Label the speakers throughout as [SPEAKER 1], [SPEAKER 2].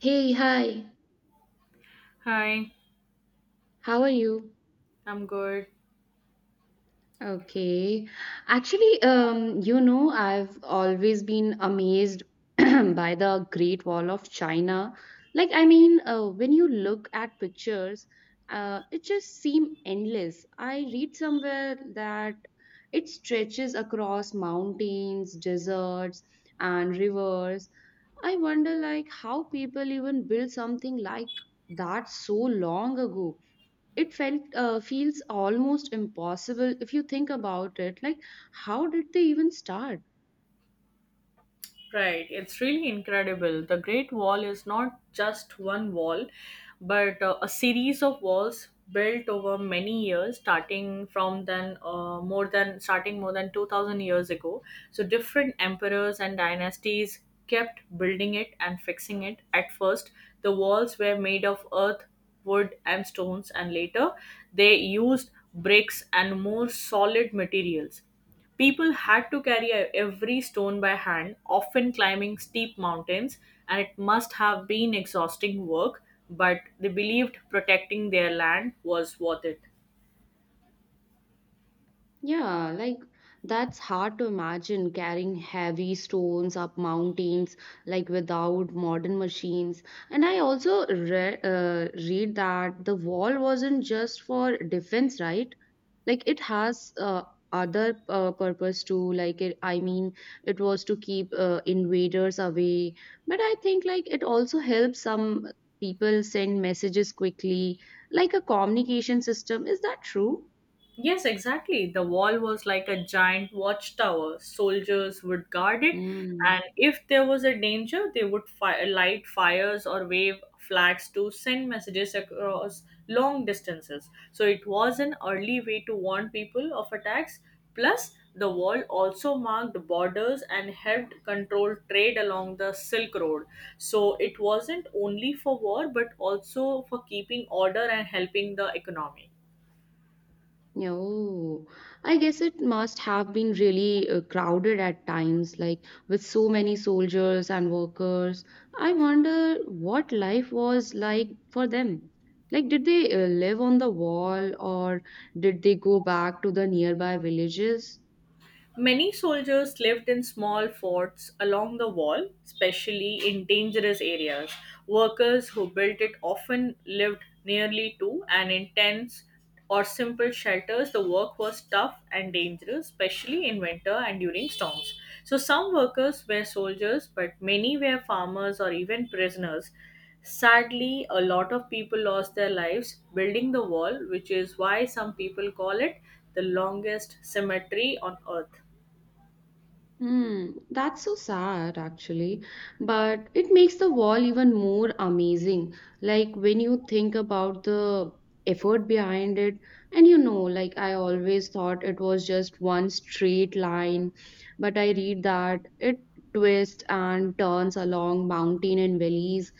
[SPEAKER 1] Hey, hi.
[SPEAKER 2] Hi,
[SPEAKER 1] How are you?
[SPEAKER 2] I'm good.
[SPEAKER 1] Okay. Actually, I've always been amazed by the Great Wall of China. Like, I mean, when you look at pictures, it just seems endless. I read somewhere that it stretches across mountains, deserts, and rivers. I wonder, like, how people even built something like that so long ago. It felt feels almost impossible if you think about it, like how did they even start?
[SPEAKER 2] Right, it's really incredible. The Great Wall is not just one wall, but a series of walls built over many years, starting more than 2,000 years ago. So different emperors and dynasties kept building it and fixing it. At first, the walls were made of earth, wood, and stones, and later they used bricks and more solid materials. People had to carry every stone by hand, often climbing steep mountains, and it must have been exhausting work, but they believed protecting their land was worth it.
[SPEAKER 1] Yeah, like that's hard to imagine, carrying heavy stones up mountains like without modern machines. And I also re read that the wall wasn't just for defense, right? Like it has other purpose too. Like it, I mean, it was to keep invaders away. But I think like it also helps some people send messages quickly, like a communication system. Is that true?
[SPEAKER 2] Yes, exactly. The wall was like a giant watchtower. Soldiers would guard it,
[SPEAKER 1] Hmm.
[SPEAKER 2] and if there was a danger, they would light fires or wave flags to send messages across long distances. So it was an early way to warn people of attacks. Plus, the wall also marked borders and helped control trade along the Silk Road. So it wasn't only for war, but also for keeping order and helping the economy.
[SPEAKER 1] No, I guess it must have been really crowded at times, like with so many soldiers and workers. I wonder what life was like for them. Like, did they live on the wall or did they go back to the nearby villages?
[SPEAKER 2] Many soldiers lived in small forts along the wall, especially in dangerous areas. Workers who built it often lived nearly to and in tents or simple shelters. The work was tough and dangerous, especially in winter and during storms. So, some workers were soldiers, but many were farmers or even prisoners. Sadly, a lot of people lost their lives building the wall, which is why some people call it the longest cemetery on earth.
[SPEAKER 1] Hmm, that's so sad actually, but it makes the wall even more amazing. Like when you think about the effort behind it. And like I always thought it was just one straight line, but I read that it twists and turns along mountain and valleys.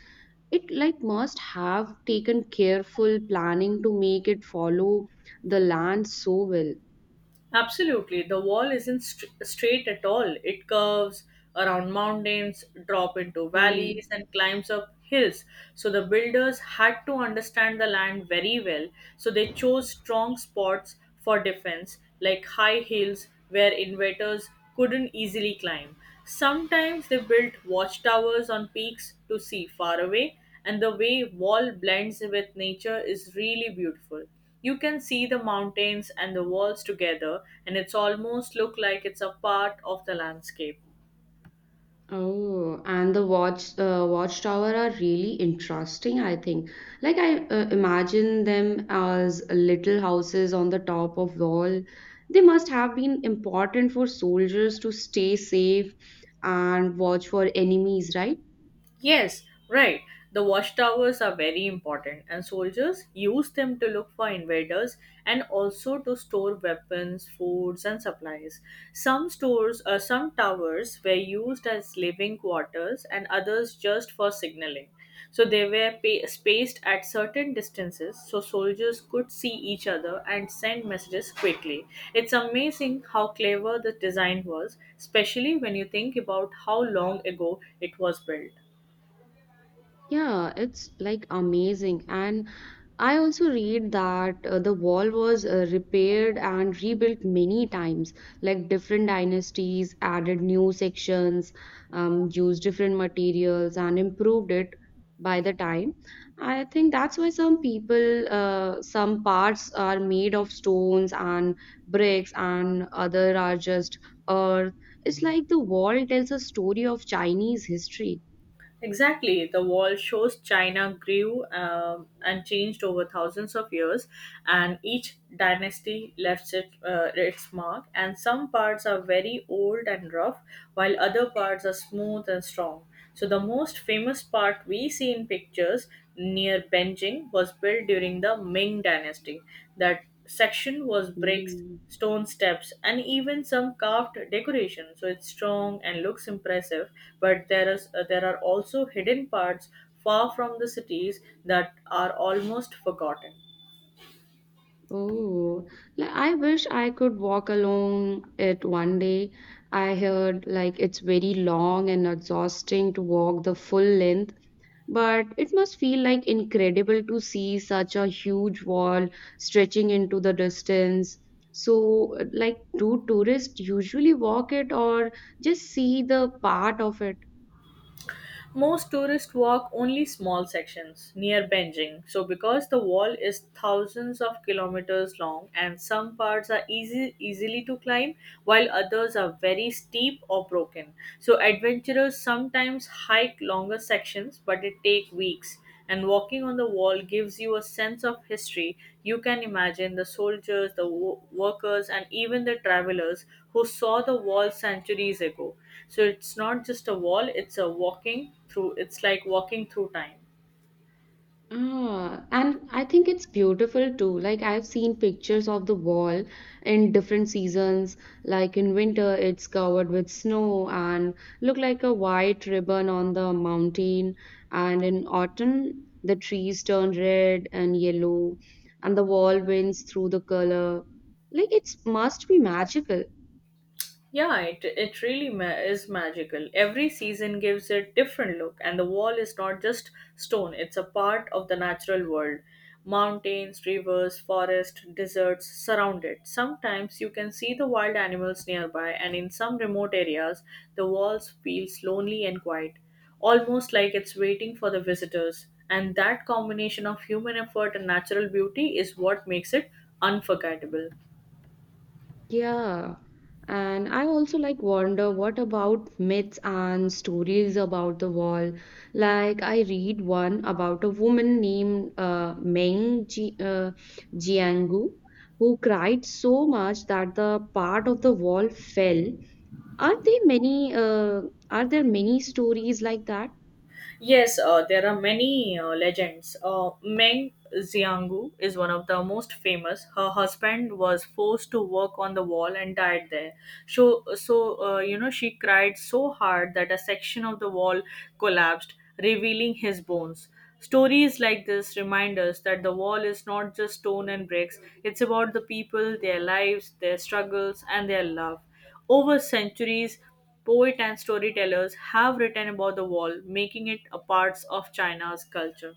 [SPEAKER 1] It like must have taken careful planning to make it follow the land so well.
[SPEAKER 2] Absolutely. The wall isn't straight at all. It curves around mountains, drop into
[SPEAKER 1] Hmm.
[SPEAKER 2] valleys, and climbs up hills. So the builders had to understand the land very well. So they chose strong spots for defense, like high hills where invaders couldn't easily climb. Sometimes they built watchtowers on peaks to see far away, and the way wall blends with nature is really beautiful. You can see the mountains and the walls together, and it's almost look like it's a part of the landscape.
[SPEAKER 1] Oh, and the watchtower are really interesting, I think. Like I imagine them as little houses on the top of wall. They must have been important for soldiers to stay safe and watch for enemies, right?
[SPEAKER 2] Yes, right. The watchtowers are very important, and soldiers use them to look for invaders and also to store weapons, foods, and supplies. Some towers were used as living quarters, and others just for signaling. So they were spaced at certain distances so soldiers could see each other and send messages quickly. It's amazing how clever the design was, especially when you think about how long ago it was built.
[SPEAKER 1] Yeah, it's like amazing. And I also read that the wall was repaired and rebuilt many times, like different dynasties added new sections, used different materials, and improved it by the time. I think that's why some parts are made of stones and bricks, and other are just earth. It's like the wall tells a story of Chinese history.
[SPEAKER 2] Exactly. The wall shows China grew and changed over thousands of years, and each dynasty left its mark. And some parts are very old and rough, while other parts are smooth and strong. So, the most famous part we see in pictures near Beijing was built during the Ming Dynasty. That section was bricks,
[SPEAKER 1] Hmm.
[SPEAKER 2] stone steps, and even some carved decoration. So it's strong and looks impressive. But there are also hidden parts far from the cities that are almost forgotten.
[SPEAKER 1] Oh, like I wish I could walk along it one day. I heard like it's very long and exhausting to walk the full length, but it must feel like incredible to see such a huge wall stretching into the distance. So, like, do tourists usually walk it or just see the part of it?
[SPEAKER 2] Most tourists walk only small sections near Beijing. So, because the wall is thousands of kilometers long and some parts are easily to climb, while others are very steep or broken. So, adventurers sometimes hike longer sections, but it takes weeks. And walking on the wall gives you a sense of history. You can imagine the soldiers, the workers, and even the travelers who saw the wall centuries ago. So it's not just a wall, it's like walking through time.
[SPEAKER 1] Ah, and I think it's beautiful too. Like I've seen pictures of the wall in different seasons. Like in winter, it's covered with snow and look like a white ribbon on the mountain. And in autumn, the trees turn red and yellow, and the wall winds through the color. Like it's must be magical.
[SPEAKER 2] Yeah, it really is magical. Every season gives it different look, and the wall is not just stone, it's a part of the natural world. Mountains, rivers, forests, deserts surround it. Sometimes you can see the wild animals nearby, and in some remote areas, the walls feels lonely and quiet, almost like it's waiting for the visitors. And that combination of human effort and natural beauty is what makes it unforgettable.
[SPEAKER 1] Yeah. And I also like wonder what about myths and stories about the wall? Like I read one about a woman named Meng Ji, Jiangu who cried so much that the part of the wall fell. Are there many uh, are there many stories like that?
[SPEAKER 2] Yes, there are many legends. Meng Xianggu is one of the most famous. Her husband was forced to work on the wall and died there. So, she cried so hard that a section of the wall collapsed, revealing his bones. Stories like this remind us that the wall is not just stone and bricks, it's about the people, their lives, their struggles, and their love. Over centuries, poets and storytellers have written about the wall, making it a part of China's culture.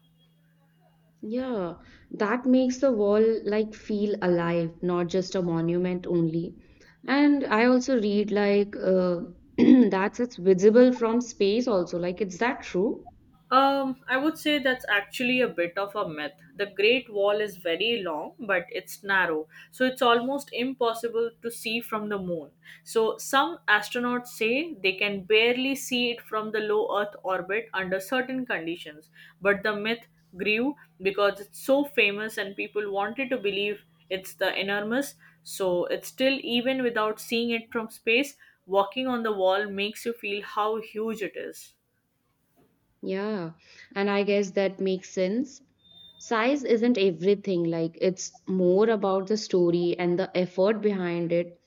[SPEAKER 1] Yeah, that makes the wall like feel alive, not just a monument only. And I also read like that's it's visible from space also. Like, is that true?
[SPEAKER 2] I would say that's actually a bit of a myth. The Great Wall is very long, but it's narrow, so it's almost impossible to see from the moon. So, some astronauts say they can barely see it from the low Earth orbit under certain conditions, but the myth grew because it's so famous and people wanted to believe it's the enormous. So, it's still even without seeing it from space, walking on the wall makes you feel how huge it is.
[SPEAKER 1] Yeah, and I guess that makes sense. Size isn't everything, like, it's more about the story and the effort behind it,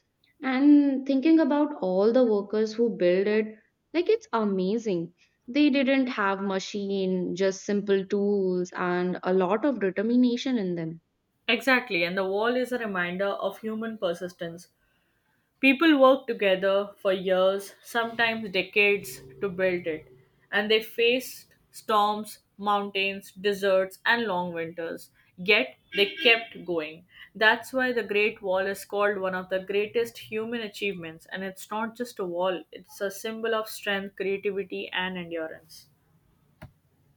[SPEAKER 1] and thinking about all the workers who build it, like it's amazing. They didn't have machine, just simple tools and a lot of determination in them.
[SPEAKER 2] Exactly, and the wall is a reminder of human persistence. People work together for years, sometimes decades, to build it, and they faced storms, mountains, deserts, and long winters. Yet they kept going. That's why the Great Wall is called one of the greatest human achievements, and it's not just a wall, it's a symbol of strength, creativity, and endurance.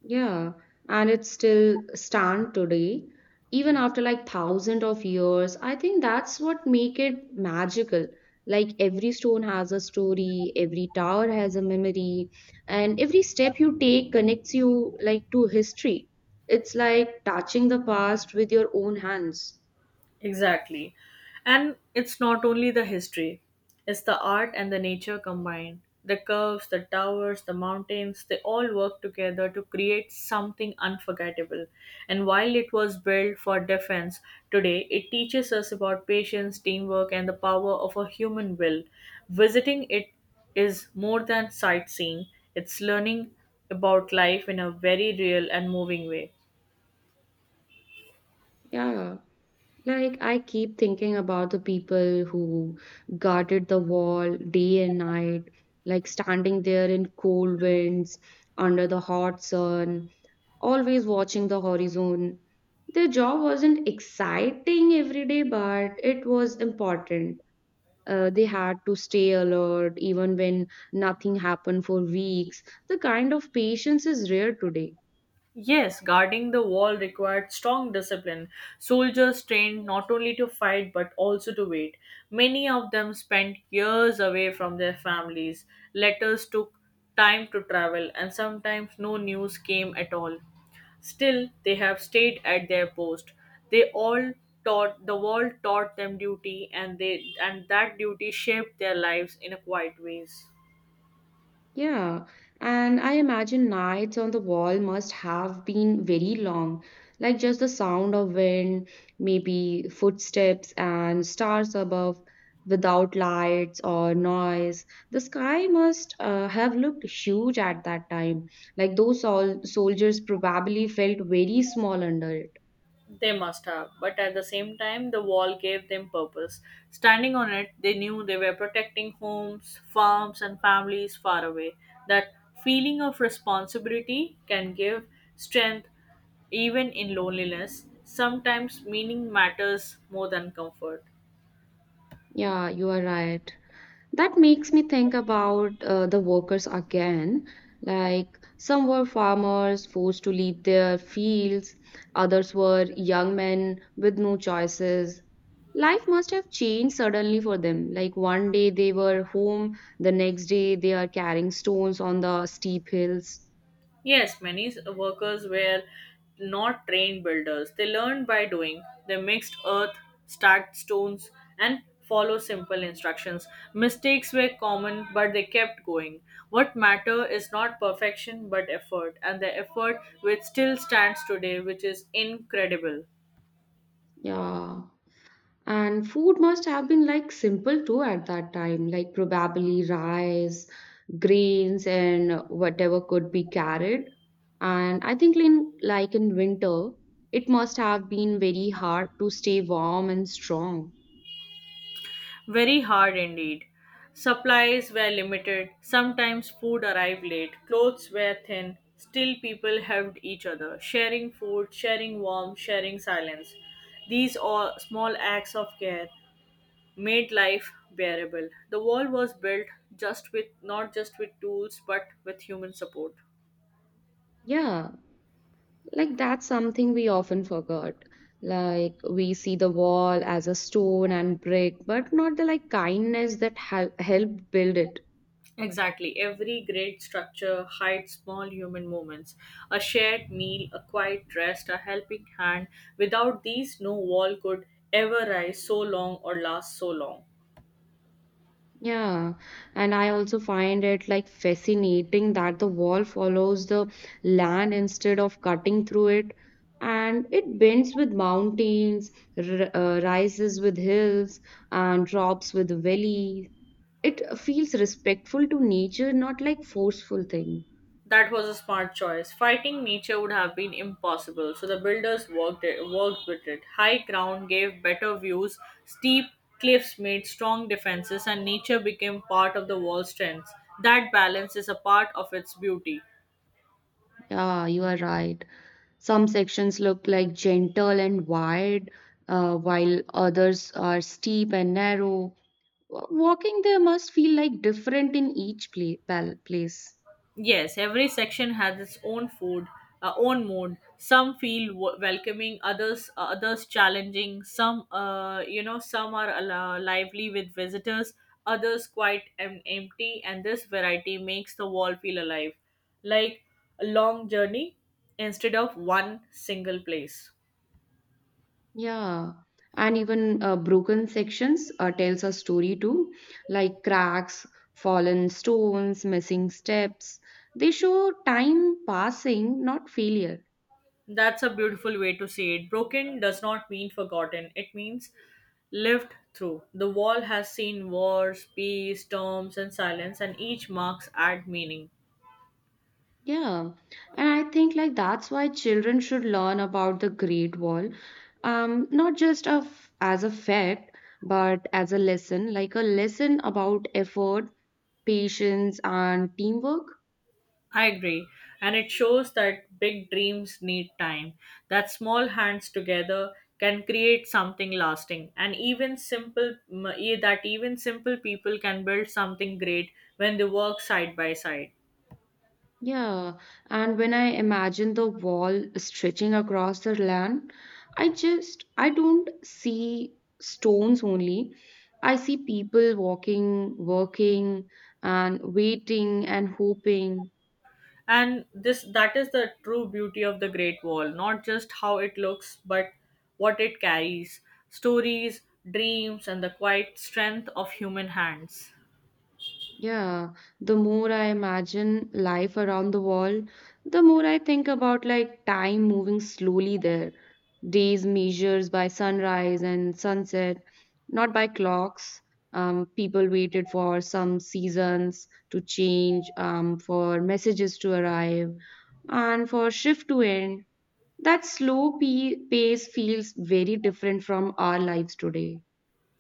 [SPEAKER 1] Yeah, and it still stand today, even after like thousands of years. I think that's what make it magical. Like every stone has a story, every tower has a memory, and every step you take connects you like to history. It's like touching the past with your own hands.
[SPEAKER 2] Exactly. And it's not only the history, it's the art and the nature combined. The curves, the towers, the mountains, they all work together to create something unforgettable. And while it was built for defense, today it teaches us about patience, teamwork, and the power of a human will. Visiting it is more than sightseeing, it's learning about life in a very real and moving way.
[SPEAKER 1] Yeah. Like, I keep thinking about the people who guarded the wall day and night, like standing there in cold winds, under the hot sun, always watching the horizon. Their job wasn't exciting every day, but it was important. They had to stay alert even when nothing happened for weeks. The kind of patience is rare today.
[SPEAKER 2] Yes, guarding the wall required strong discipline. Soldiers trained not only to fight but also to wait. Many of them spent years away from their families. Letters took time to travel, and sometimes no news came at all. Still, they have stayed at their post. They all taught the wall taught them duty, and they and that duty shaped their lives in a quiet ways.
[SPEAKER 1] Yeah, and I imagine nights on the wall must have been very long, like just the sound of wind, maybe footsteps and stars above without lights or noise. The sky must have looked huge at that time, like those soldiers probably felt very small under it.
[SPEAKER 2] They must have, but at the same time, the wall gave them purpose. Standing on it, they knew they were protecting homes, farms, and families far away. That feeling of responsibility can give strength even in loneliness. Sometimes meaning matters more than comfort.
[SPEAKER 1] Yeah, you are right. That makes me think about the workers again. Like some were farmers forced to leave their fields, others were young men with no choices. Life must have changed suddenly for them. Like one day they were home, the next day they are carrying stones on the steep hills.
[SPEAKER 2] Yes, many workers were not trained builders. They learned by doing. They mixed earth, stacked stones, and follow simple instructions. Mistakes were common, but they kept going. What matter is not perfection, but effort, and the effort which still stands today, which is incredible.
[SPEAKER 1] Yeah. And food must have been like simple too at that time, like probably rice, grains, and whatever could be carried. And I think in, like, in winter, it must have been very hard to stay warm and strong.
[SPEAKER 2] Very hard indeed. Supplies were limited, sometimes food arrived late, clothes were thin, still people helped each other, sharing food, sharing warmth, sharing silence. These all small acts of care made life bearable. The wall was built just with not just with tools but with human support.
[SPEAKER 1] Yeah, like that's something we often forgot. Like we see the wall as a stone and brick, but not the like kindness that helped build it.
[SPEAKER 2] Exactly. Every great structure hides small human moments. A shared meal, a quiet rest, a helping hand. Without these, no wall could ever rise so long or last so long.
[SPEAKER 1] Yeah, and I also find it like fascinating that the wall follows the land instead of cutting through it, and it bends with mountains, r rises with hills, and drops with valleys. It feels respectful to nature, not like forceful thing.
[SPEAKER 2] That was a smart choice. Fighting nature would have been impossible, so the builders worked with it. High ground gave better views, steep cliffs made strong defenses, and nature became part of the wall's strength. That balance is a part of its beauty.
[SPEAKER 1] Yeah, you are right. Some sections look like gentle and wide, while others are steep and narrow. Walking there must feel like different in each place.
[SPEAKER 2] Yes, every section has its own own mood. Some feel welcoming, others challenging. Some are lively with visitors, others quite empty, and this variety makes the wall feel alive, like a long journey instead of one single place.
[SPEAKER 1] Yeah. And even broken sections tells a story too, like cracks, fallen stones, missing steps. They show time passing, not failure.
[SPEAKER 2] That's a beautiful way to see it. Broken does not mean forgotten, it means lived through. The wall has seen wars, peace, storms, and silence, and each marks add meaning.
[SPEAKER 1] Yeah. And I think like that's why children should learn about the Great Wall, not just of as a fact, but as a lesson, like a lesson about effort, patience, and teamwork.
[SPEAKER 2] I agree. And it shows that big dreams need time, that small hands together can create something lasting, and even that even simple people can build something great when they work side by side.
[SPEAKER 1] Yeah, and when I imagine the wall stretching across the land, I don't see stones only. I see people walking, working, and waiting and hoping.
[SPEAKER 2] And this That is the true beauty of the Great Wall, not just how it looks but what it carries: stories, dreams, and the quiet strength of human hands.
[SPEAKER 1] Yeah, the more I imagine life around the world, the more I think about like time moving slowly there. Days measures by sunrise and sunset, not by clocks. People waited for some seasons to change, for messages to arrive, and for shift to end. That slow pace feels very different from our lives today.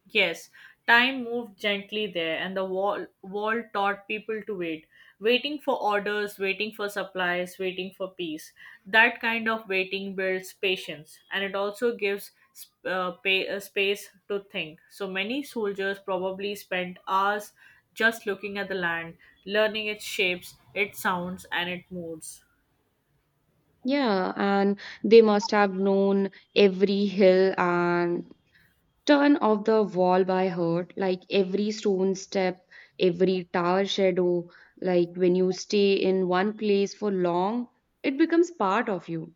[SPEAKER 2] Yes, time moved gently there, and the wall taught people to wait, waiting for orders, waiting for supplies, waiting for peace. That kind of waiting builds patience, and it also gives space to think. So many soldiers probably spent hours just looking at the land, learning its shapes, its sounds, and its moods.
[SPEAKER 1] Yeah, and they must have known every hill and turn of the wall by heart, like every stone step, every tower shadow. Like when you stay in one place for long, it becomes part of you.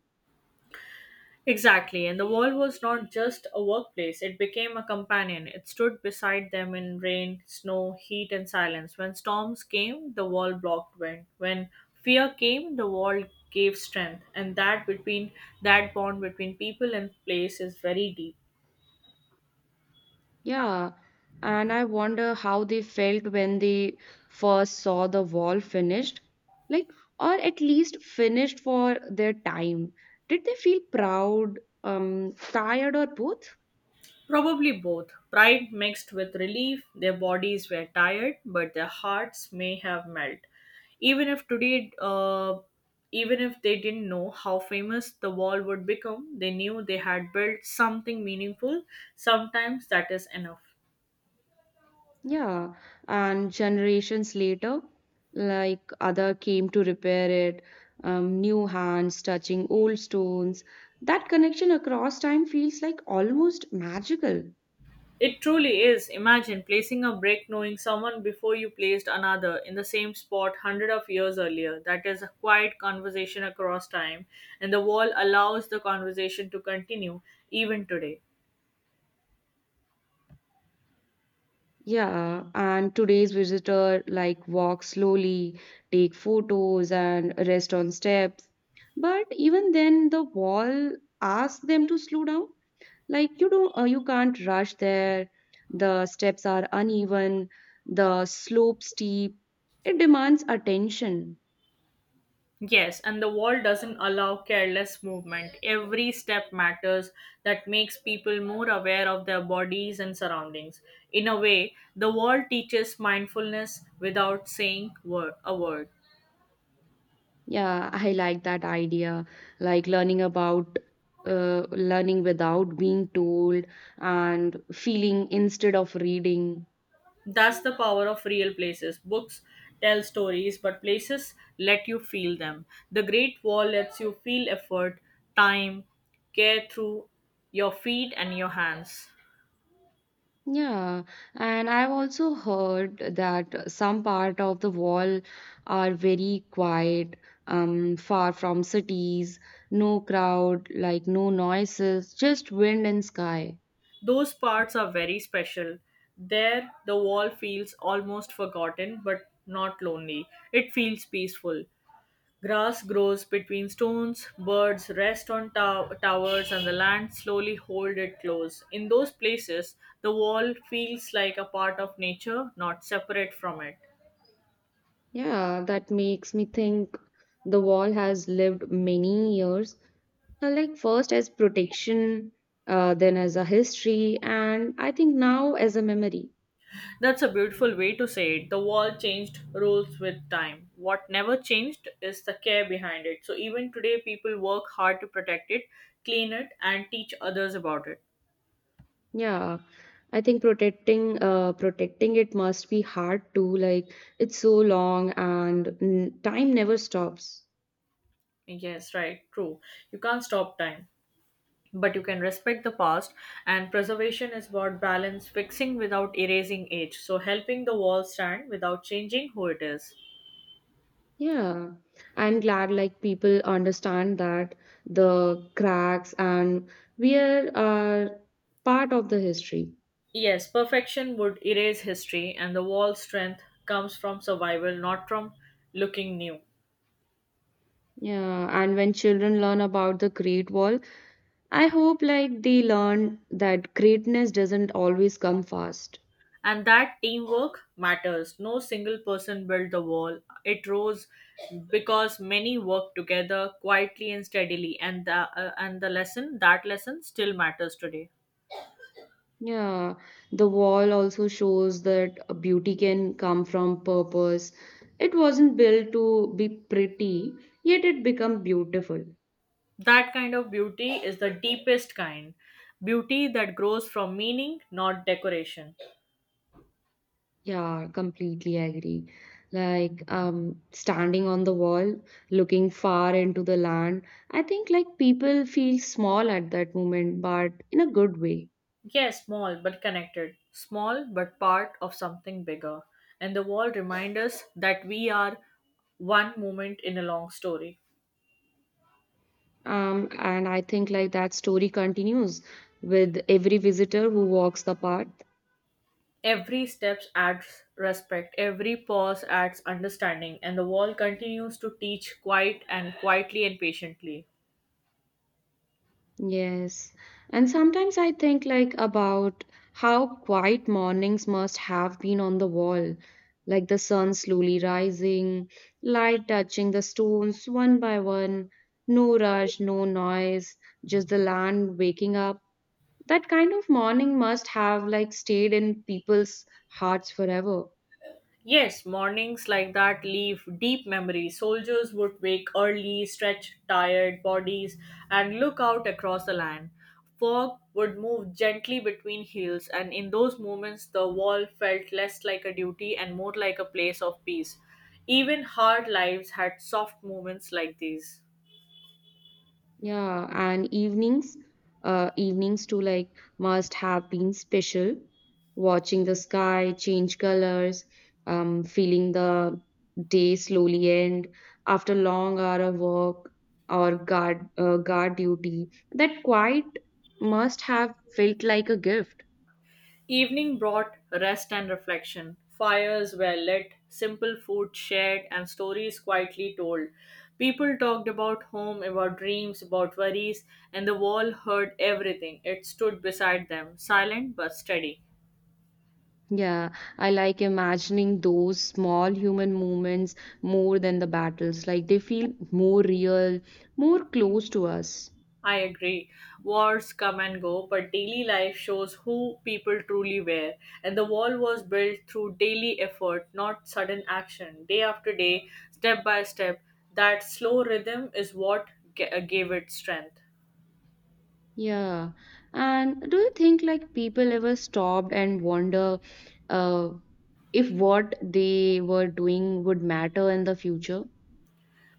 [SPEAKER 2] Exactly, and the wall was not just a workplace, it became a companion. It stood beside them in rain, snow, heat, and silence. When storms came, the wall blocked wind. When fear came, the wall gave strength, and that bond between people and place is very deep.
[SPEAKER 1] Yeah, and I wonder how they felt when they first saw the wall finished, like, or at least finished for their time. Did they feel proud, tired, or both?
[SPEAKER 2] Probably both. Pride mixed with relief, their bodies were tired, but their hearts may have melt. Even if today, even if they didn't know how famous the wall would become, they knew they had built something meaningful. Sometimes that is enough.
[SPEAKER 1] Yeah, and generations later, like other came to repair it, new hands touching old stones. That connection across time feels like almost magical.
[SPEAKER 2] It truly is. Imagine placing a brick knowing someone before you placed another in the same spot hundred of years earlier. That is a quiet conversation across time, and the wall allows the conversation to continue even today.
[SPEAKER 1] Yeah, and today's visitor like walk slowly, take photos and rest on steps. But even then, the wall asks them to slow down. Like you can't rush there. The steps are uneven, the slope steep. It demands attention.
[SPEAKER 2] Yes, and the wall doesn't allow careless movement. Every step matters. That makes people more aware of their bodies and surroundings. In a way, the wall teaches mindfulness without saying word, a word.
[SPEAKER 1] Yeah, I like that idea, like uh, learning without being told, and feeling instead of reading.
[SPEAKER 2] That's the power of real places. Books tell stories, but places let you feel them. The Great Wall lets you feel effort, time, care through your feet and your hands.
[SPEAKER 1] Yeah, and I've also heard that some part of the wall are very quiet, far from cities, no crowd, like no noises, just wind and sky.
[SPEAKER 2] Those parts are very special. There, the wall feels almost forgotten but not lonely. It feels peaceful. Grass grows between stones, birds rest on towers, and the land slowly hold it close. In those places, the wall feels like a part of nature, not separate from it.
[SPEAKER 1] Yeah, that makes me think the wall has lived many years, like first as protection, then as a history, and I think now as a memory.
[SPEAKER 2] That's a beautiful way to say it. The wall changed rules with time. What never changed is the care behind it. So even today, people work hard to protect it, clean it, and teach others about it.
[SPEAKER 1] Yeah, I think protecting it must be hard too. Like it's so long, and time never stops.
[SPEAKER 2] Yes, right, true. You can't stop time, but you can respect the past. And preservation is about balance, fixing without erasing age. So helping the wall stand without changing who it is.
[SPEAKER 1] Yeah. I'm glad like people understand that the cracks and wear are part of the history.
[SPEAKER 2] Yes, perfection would erase history, and the wall's strength comes from survival, not from looking new.
[SPEAKER 1] Yeah, and when children learn about the Great Wall, I hope like they learn that greatness doesn't always come fast.
[SPEAKER 2] And that teamwork matters. No single person built the wall. It rose because many worked together quietly and steadily. And the lesson that lesson still matters today.
[SPEAKER 1] Yeah, the wall also shows that a beauty can come from purpose. It wasn't built to be pretty, yet it become beautiful.
[SPEAKER 2] That kind of beauty is the deepest kind. Beauty that grows from meaning, not decoration.
[SPEAKER 1] Yeah, completely agree. Like standing on the wall, looking far into the land, I think like people feel small at that moment, but in a good way.
[SPEAKER 2] Yes, small but connected. Small but part of something bigger. And the wall reminds us that we are one moment in a long story.
[SPEAKER 1] And I think like that story continues with every visitor who walks the path.
[SPEAKER 2] Every step adds respect, every pause adds understanding, and the wall continues to teach quiet and quietly and patiently.
[SPEAKER 1] Yes. And sometimes I think like about how quiet mornings must have been on the wall, like the sun slowly rising, light touching the stones one by one, no rush, no noise, just the land waking up. That kind of morning must have like stayed in people's hearts forever.
[SPEAKER 2] Yes, mornings like that leave deep memories. Soldiers would wake early, stretch tired bodies, and look out across the land. Fog would move gently between hills, and in those moments, the wall felt less like a duty and more like a place of peace. Even hard lives had soft moments like these.
[SPEAKER 1] Yeah, and evenings too, like must have been special. Watching the sky change colors, feeling the day slowly end after long hour of work or guard duty. That quiet must have felt like a gift.
[SPEAKER 2] Evening brought rest and reflection. Fires were lit, simple food shared, and stories quietly told. People talked about home, about dreams, about worries, and the wall heard everything. It stood beside them, silent but steady.
[SPEAKER 1] Yeah, I like imagining those small human moments more than the battles. Like they feel more real, more close to us.
[SPEAKER 2] I agree. Wars come and go, but daily life shows who people truly were. And the wall was built through daily effort, not sudden action. Day after day, step by step, that slow rhythm is what gave it strength.
[SPEAKER 1] Yeah. And do you think like people ever stopped and wonder uh, if what they were doing would matter in the future?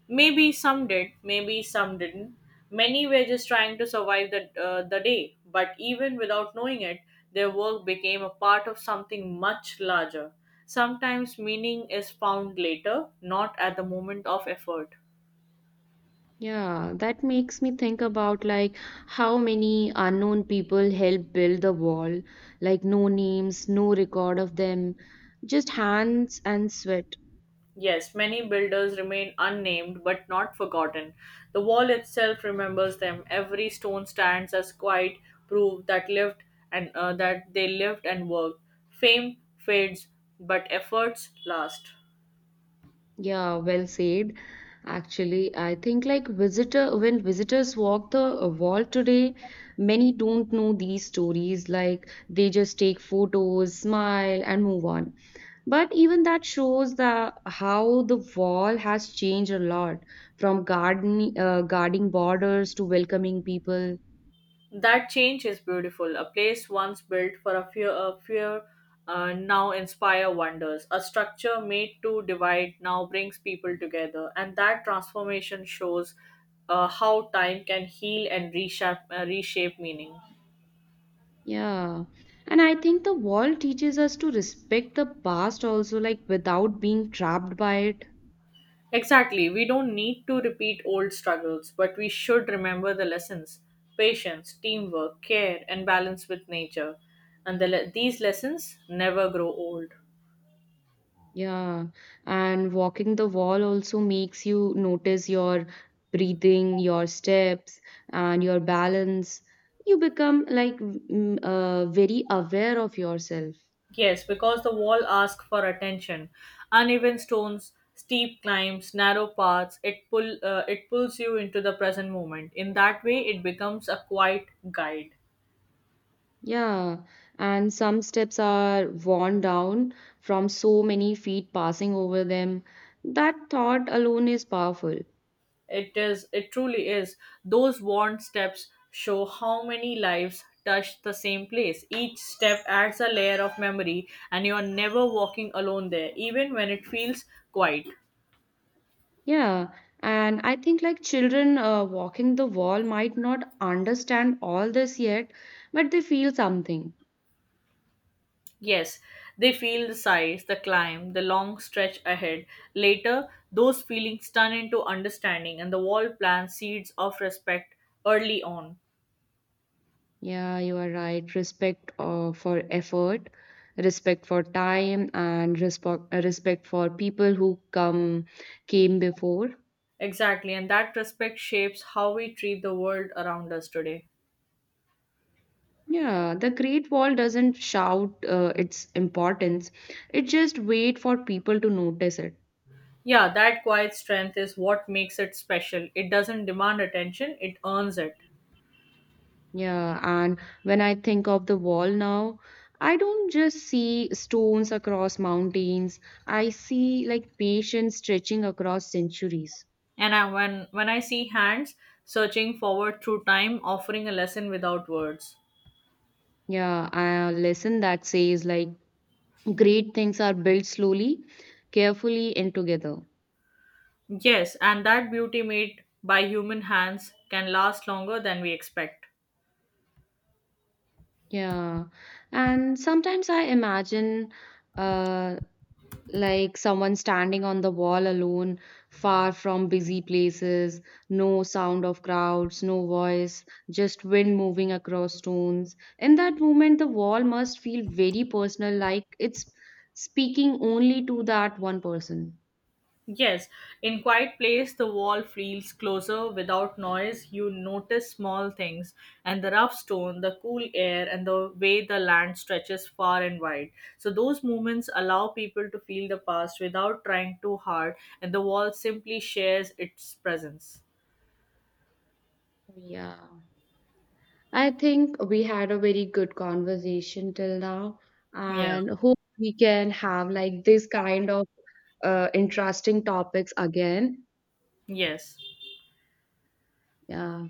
[SPEAKER 2] Maybe some did, maybe some didn't. Many were just trying to survive the day, but even without knowing it, their work became a part of something much larger. Sometimes meaning is found later, not at the moment of effort.
[SPEAKER 1] Yeah, that makes me think about like how many unknown people helped build the wall, like no names, no record of them, just hands and sweat.
[SPEAKER 2] Yes, many builders remain unnamed but not forgotten. The wall itself remembers them. Every stone stands as quiet proof that lived and that they lived and worked. Fame fades, but efforts last.
[SPEAKER 1] Yeah, well said. Actually, I think like visitors walk the wall today, many don't know these stories. Like they just take photos, smile, and move on. But even that shows the how the wall has changed a lot, from garden guarding borders to welcoming people.
[SPEAKER 2] That change is beautiful. A place once built for a fear now inspire wonders. A structure made to divide now brings people together, and that transformation shows how time can heal and reshape meaning.
[SPEAKER 1] Yeah. And I think the wall teaches us to respect the past also, like without being trapped by it.
[SPEAKER 2] Exactly. We don't need to repeat old struggles, but we should remember the lessons: patience, teamwork, care, and balance with nature. And these lessons never grow old.
[SPEAKER 1] Yeah, and walking the wall also makes you notice your breathing, your steps, and your balance. You become like very aware of yourself.
[SPEAKER 2] Yes, because the wall asks for attention. Uneven stones, steep climbs, narrow paths, it pulls you into the present moment. In that way it becomes a quiet guide.
[SPEAKER 1] Yeah, and some steps are worn down from so many feet passing over them. That thought alone is powerful.
[SPEAKER 2] It truly is. Those worn steps show how many lives touch the same place. Each step adds a layer of memory and you are never walking alone there, even when it feels quiet.
[SPEAKER 1] Yeah, and I think like children walking the wall might not understand all this yet, but they feel something.
[SPEAKER 2] Yes, they feel the size, the climb, the long stretch ahead. Later, those feelings turn into understanding, and the wall plants seeds of respect early on.
[SPEAKER 1] Yeah, you are right. Respect for effort, respect for time, and respect for people who come came before.
[SPEAKER 2] Exactly, and that respect shapes how we treat the world around us today.
[SPEAKER 1] Yeah, the Great Wall doesn't shout its importance. It just wait for people to notice it.
[SPEAKER 2] Yeah, that quiet strength is what makes it special. It doesn't demand attention, it earns it.
[SPEAKER 1] Yeah, and when I think of the wall now, I don't just see stones across mountains. I see like patience stretching across centuries.
[SPEAKER 2] And when I see hands searching forward through time, offering a lesson without words.
[SPEAKER 1] Yeah, a lesson that says like great things are built slowly, carefully, and together.
[SPEAKER 2] Yes, and that beauty made by human hands can last longer than we expect.
[SPEAKER 1] Yeah. And sometimes I imagine uh, like someone standing on the wall alone, far from busy places, no sound of crowds, no voice, just wind moving across stones. In that moment, the wall must feel very personal, like it's speaking only to that one person.
[SPEAKER 2] Yes, in quiet place the wall feels closer without noise. You notice small things and the rough stone, the cool air and the way the land stretches far and wide. So those moments allow people to feel the past without trying too hard and the wall simply shares its presence.
[SPEAKER 1] Yeah. I think we had a very good conversation till now,
[SPEAKER 2] Yeah.
[SPEAKER 1] and hope we can have like this kind of interesting topics again.
[SPEAKER 2] Yes.
[SPEAKER 1] Yeah.